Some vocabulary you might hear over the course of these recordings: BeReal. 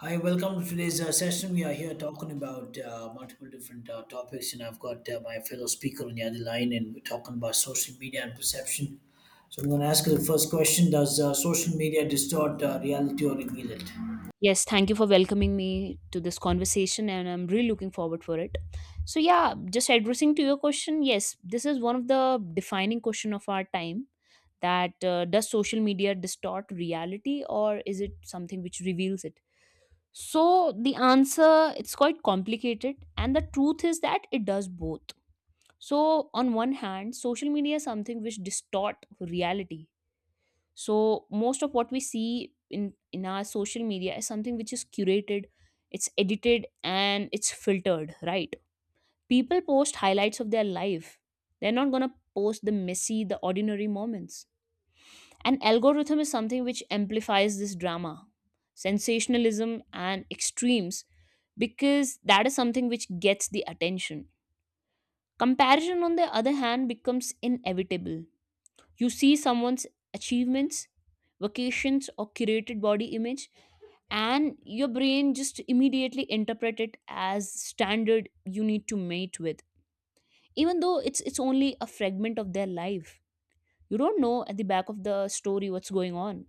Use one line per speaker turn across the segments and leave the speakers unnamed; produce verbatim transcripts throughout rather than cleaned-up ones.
Hi, welcome to today's uh, session. We are here talking about uh, multiple different uh, topics, and I've got uh, my fellow speaker on the other line, and we're talking about social media and perception. So, I'm going to ask you the first question. Does uh, social media distort uh, reality or reveal it?
Yes, thank you for welcoming me to this conversation, and I'm really looking forward for it. So, yeah, just addressing to your question, yes, this is one of the defining question of our time. That uh, does social media distort reality, or is it something which reveals it? So the answer it's quite complicated, and the truth is that it does both. So on one hand, social media is something which distort reality, so most of what we see in in our social media is something which is curated, it's edited and it's filtered, right. People post highlights of their life, they're not going to post the messy, the ordinary moments. An algorithm is something which amplifies this drama, sensationalism and extremes, because that is something which gets the attention. Comparison on the other hand becomes inevitable. You see someone's achievements, vacations, or curated body image, and your brain just immediately interpret it as standard you need to mate with, even though it's it's only a fragment of their life. You don't know at the back of the story what's going on.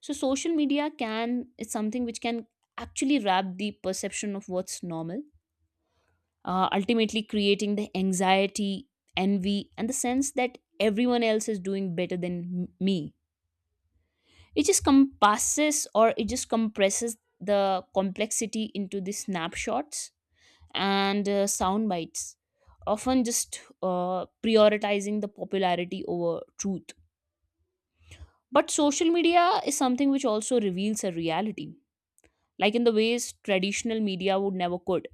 So social media can, it's something which can actually wrap the perception of what's normal, uh, ultimately creating the anxiety, envy and the sense that everyone else is doing better than m- me. It just compasses, or it just compresses the complexity into the snapshots and uh, sound bites, often just uh, prioritizing the popularity over truth. But social media is something which also reveals a reality, like in the ways traditional media would never could.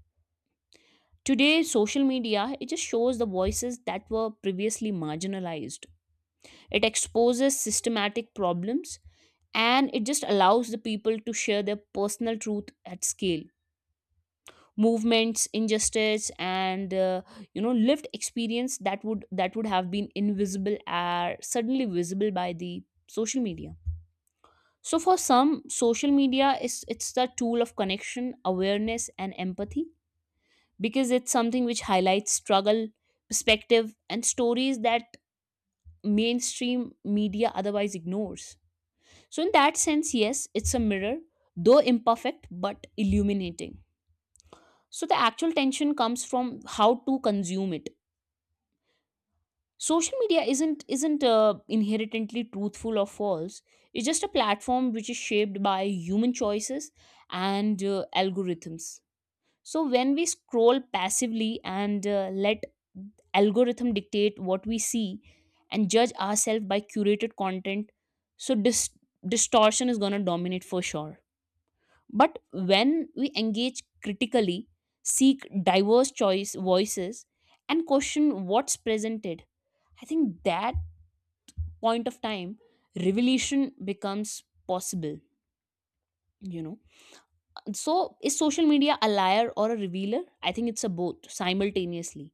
Today social media it just shows the voices that were previously marginalized, it exposes systematic problems, and it just allows the people to share their personal truth at scale. Movements, injustice and uh, you know lived experience that would that would have been invisible are suddenly visible by the social media. So for some, social media is, it's the tool of connection, awareness and empathy, because it's something which highlights struggle, perspective and stories that mainstream media otherwise ignores. So, in that sense, yes, it's a mirror, though imperfect but illuminating. So, the actual tension comes from how to consume it. Social media isn't isn't uh, inherently truthful or false. It's just a platform which is shaped by human choices and uh, algorithms. So, when we scroll passively and uh, let algorithm dictate what we see and judge ourselves by curated content, so dis- distortion is gonna dominate for sure. But when we engage critically, seek diverse choice voices, and question what's presented, I think that point of time revelation becomes possible, you know. So, is social media a liar or a revealer? I think it's a both simultaneously,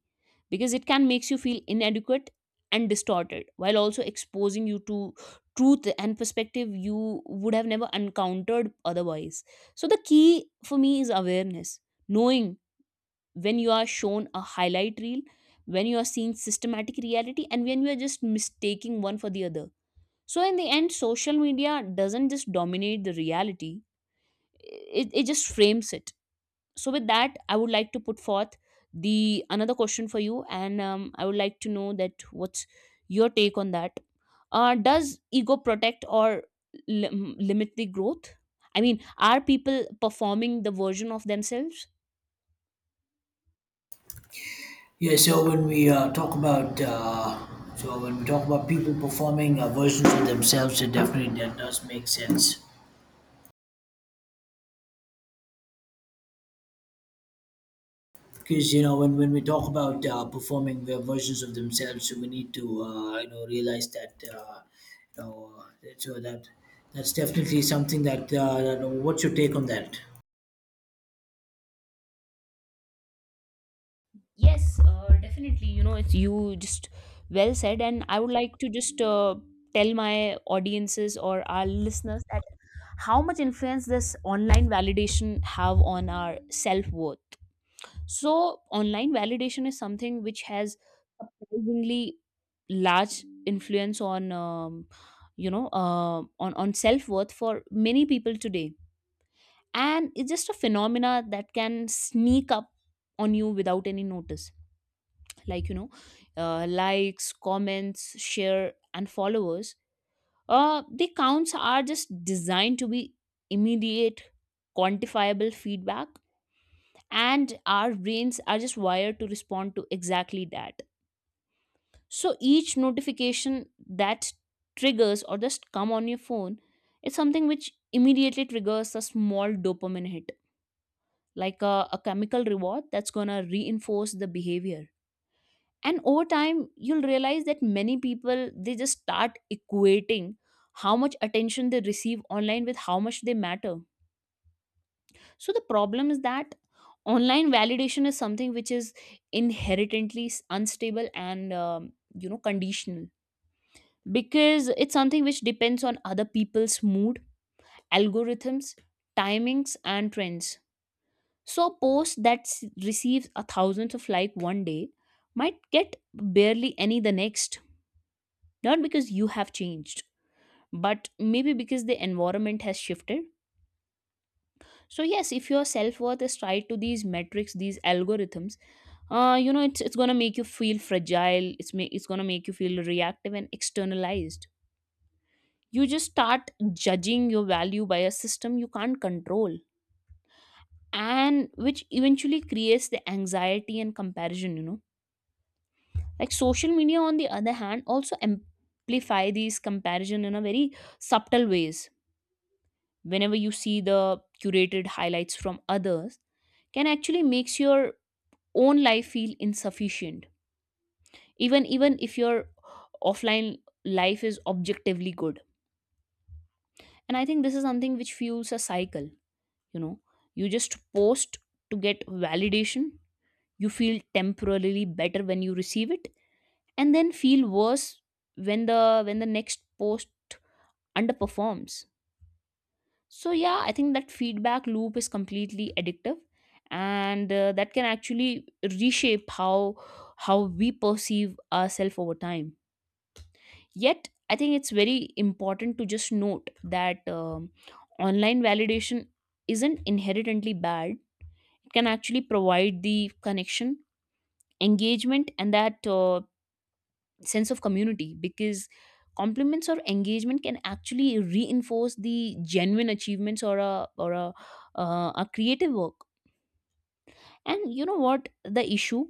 because it can makes you feel inadequate and distorted while also exposing you to truth and perspective you would have never encountered otherwise. So, the key for me is awareness, knowing when you are shown a highlight reel, when you are seeing systematic reality, and when you are just mistaking one for the other. So, in the end, social media doesn't just dominate the reality, it, it just frames it. So with that, I would like to put forth the another question for you, and um, I would like to know that what's your take on that. Uh, does ego protect or lim- limit the growth? I mean, are people performing the version of themselves?
Yeah, so when we uh, talk about uh, so when we talk about people performing uh, versions of themselves, it definitely that does make sense because you know when, when we talk about uh, performing their versions of themselves, so we need to uh, you know realize that uh, you know uh, that- so that that's definitely something that, uh, that what's your take on that?
Yes, uh, definitely, you know, it's, you just well said, and I would like to just uh, tell my audiences or our listeners that how much influence this online validation have on our self-worth. So, online validation is something which has surprisingly large influence on, um, you know, uh, on on self worth for many people today, and it's just a phenomena that can sneak up on you without any notice. Like, you know, uh, likes, comments, share, and followers. Uh, the counts are just designed to be immediate, quantifiable feedback, and our brains are just wired to respond to exactly that. So each notification that triggers or just come on your phone is something which immediately triggers a small dopamine hit, like a, a chemical reward that's gonna reinforce the behavior. And over time you'll realize that many people, they just start equating how much attention they receive online with how much they matter. So the problem is that online validation is something which is inherently s- unstable and um, you know conditional, because it's something which depends on other people's mood, algorithms, timings, and trends. So a post that s- receives a thousands of like one day might get barely any the next, not because you have changed, but maybe because the environment has shifted. So yes, if your self worth is tied to these metrics, these algorithms, uh, you know it's it's gonna make you feel fragile, it's ma- it's gonna make you feel reactive and externalized. You just start judging your value by a system you can't control, and which eventually creates the anxiety and comparison, you know. Like, social media on the other hand also amplify these comparison in a very subtle ways. Whenever you see the curated highlights from others can actually makes your own life feel insufficient, even even if your offline life is objectively good. And I think this is something which fuels a cycle, you know. You just post to get validation, you feel temporarily better when you receive it, and then feel worse when the when the next post underperforms. So yeah, I think that feedback loop is completely addictive, and uh, that can actually reshape how how we perceive ourselves over time. Yet I think it's very important to just note that um, online validation isn't inherently bad, it can actually provide the connection, engagement and that uh, sense of community, because compliments or engagement can actually reinforce the genuine achievements or a, or a, uh, a creative work. And you know what, the issue,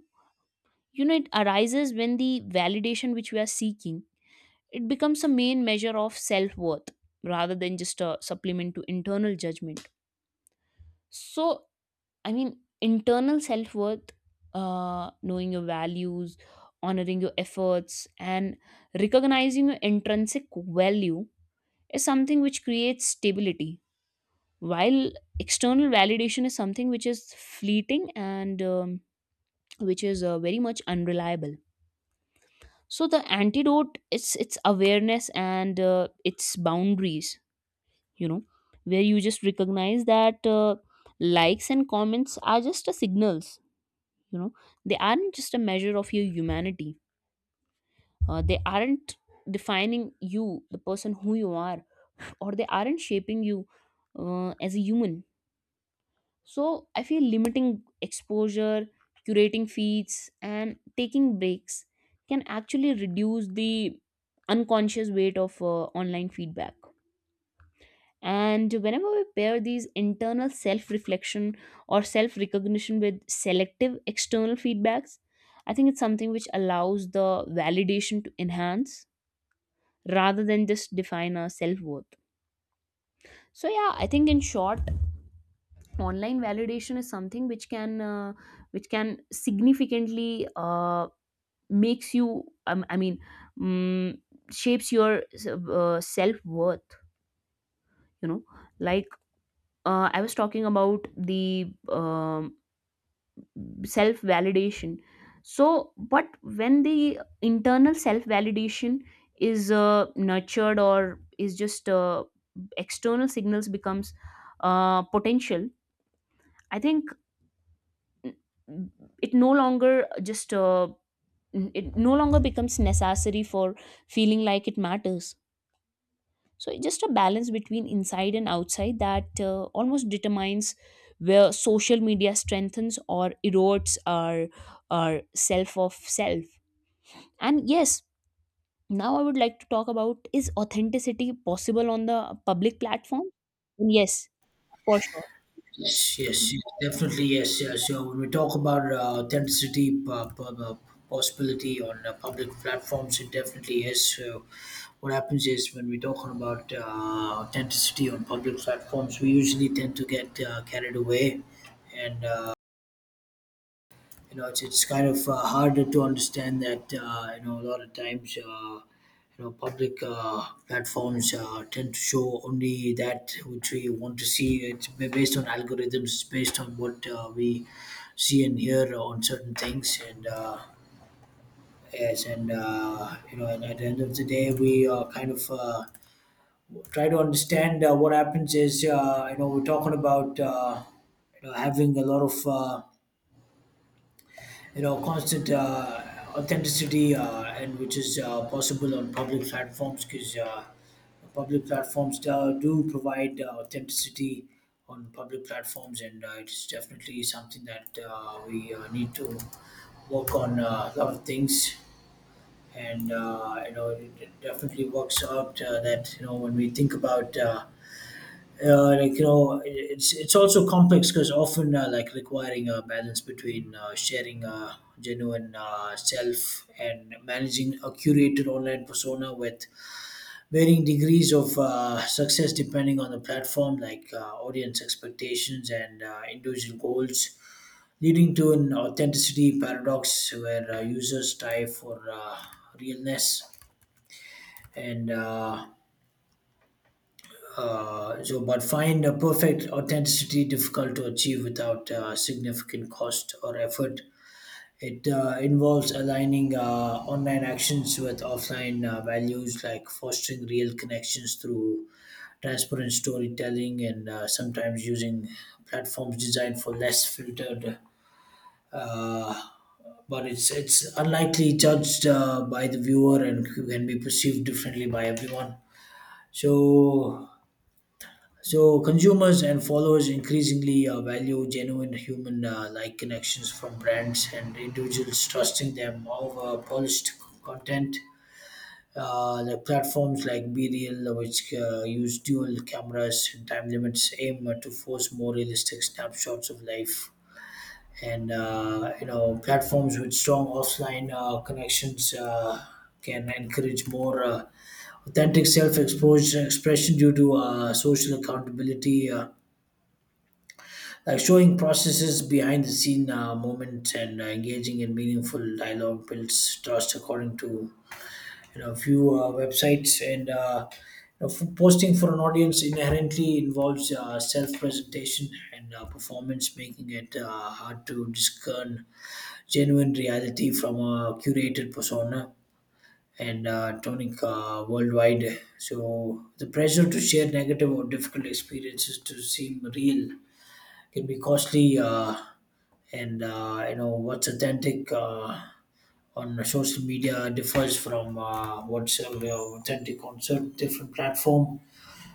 you know, it arises when the validation which we are seeking, it becomes a main measure of self worth rather than just a supplement to internal judgment. So, I mean, internal self worth, uh, knowing your values, honoring your efforts, and recognizing your intrinsic value is something which creates stability. While external validation is something which is fleeting and um, which is uh, very much unreliable. So the antidote is, it's awareness and uh, its boundaries, you know, where you just recognize that uh, likes and comments are just a signals, you know. They aren't just a measure of your humanity, uh, they aren't defining you, the person who you are, or they aren't shaping you uh, as a human. So I feel limiting exposure, curating feeds and taking breaks can actually reduce the unconscious weight of uh, online feedback. And whenever we pair these internal self reflection or self recognition with selective external feedbacks, I think it's something which allows the validation to enhance rather than just define our self worth. So yeah, I think in short, online validation is something which can uh, which can significantly uh, makes you um, I mean mm shapes your uh, self worth. You know, like, uh, I was talking about the um, self validation. So but when the internal self validation is uh, nurtured, or is just uh, external signals becomes uh, potential, I think, mm, it no longer just uh, it no longer becomes necessary for feeling like it matters. So it's just a balance between inside and outside that uh, almost determines where social media strengthens or erodes our our self of self. And yes, now I would like to talk about, is authenticity possible on the public platform? Yes, for sure.
Yes yes yes, definitely yes, Yeah. So when we talk about uh, authenticity uh, p- uh, possibility on uh, public platforms, it definitely is. So what happens is when we're talking about uh, authenticity on public platforms, we usually tend to get uh, carried away, and uh, you know, it's it's kind of uh, harder to understand that uh, you know, a lot of times uh, you know, public uh, platforms uh, tend to show only that which we want to see. It's ba- based on algorithms, it's based on what uh, we see and hear on certain things, and uh, yes, and uh, you know, and at the end of the day, we uh, kind of uh, try to understand. Uh, what happens is uh, you know, we're talking about uh, you know, having a lot of uh, you know, constant uh, authenticity uh, and which is uh, possible on public platforms, because uh, public platforms do, do provide uh, authenticity on public platforms, and uh, it's definitely something that uh, we uh, need to work on uh, a lot of things. And uh, you know, it it definitely works out uh, that you know, when we think about uh, uh, like you know, it- it's it's also complex, because often uh, like requiring a balance between uh, sharing a genuine uh, self and managing a curated online persona with varying degrees of uh, success depending on the platform, like uh, audience expectations and uh, individual goals, leading to an authenticity paradox where uh, users strive for uh, realness, and uh, Uh, so, but find a perfect authenticity difficult to achieve without uh, significant cost or effort. It uh, involves aligning uh, online actions with offline uh, values, like fostering real connections through transparent storytelling and uh, sometimes using platforms designed for less filtered. Uh, but it's it's unlikely judged uh, by the viewer and can be perceived differently by everyone. So so consumers and followers increasingly uh, value genuine human-like connections from brands and individuals, trusting them over polished content. Uh, the platforms like BeReal, which uh, use dual cameras and time limits, aim to force more realistic snapshots of life. And uh, you know, platforms with strong offline uh, connections uh, can encourage more uh, authentic self-exposure expression due to uh, social accountability. Uh, like showing processes behind the scene uh, moments and uh, engaging in meaningful dialogue builds trust according to you know a few uh, websites, and uh, you know, f- posting for an audience inherently involves uh, self-presentation and uh, performance, making it uh, hard to discern genuine reality from a curated persona and uh, tonic uh, worldwide. So the pressure to share negative or difficult experiences to seem real can be costly, uh, and uh, you know, what's authentic uh, on social media differs from uh, what's uh, authentic on certain different platform.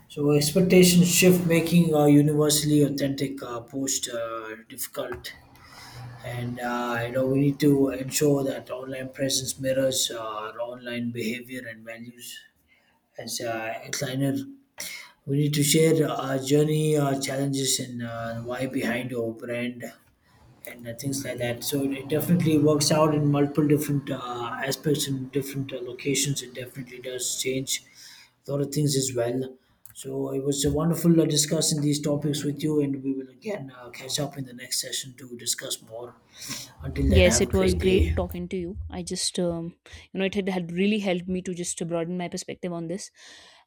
So expectations shift, making a universally authentic uh, post uh, difficult. And uh, you know, we need to ensure that online presence mirrors uh, our online behavior and values. As uh, a designer, we need to share our journey, our challenges, and uh, the why behind our brand and uh, things like that. So it definitely works out in multiple different uh, aspects in different uh, locations. It definitely does change a lot of things as well. So it was uh, wonderful uh, discussing these topics with you, and we will again uh, catch up in the next session to discuss more. Until then,
Yes,
have a
it was
great day.
great talking to you. I just, um, you know, it had, had really helped me to just broaden my perspective on this.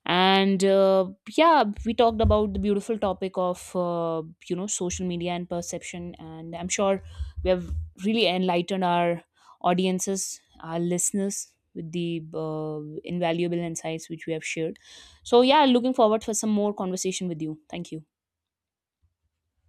And uh, yeah, we talked about the beautiful topic of, uh, you know, social media and perception. And I'm sure we have really enlightened our audiences, our listeners with the uh, invaluable insights which we have shared. So yeah, looking forward for some more conversation with you. Thank you.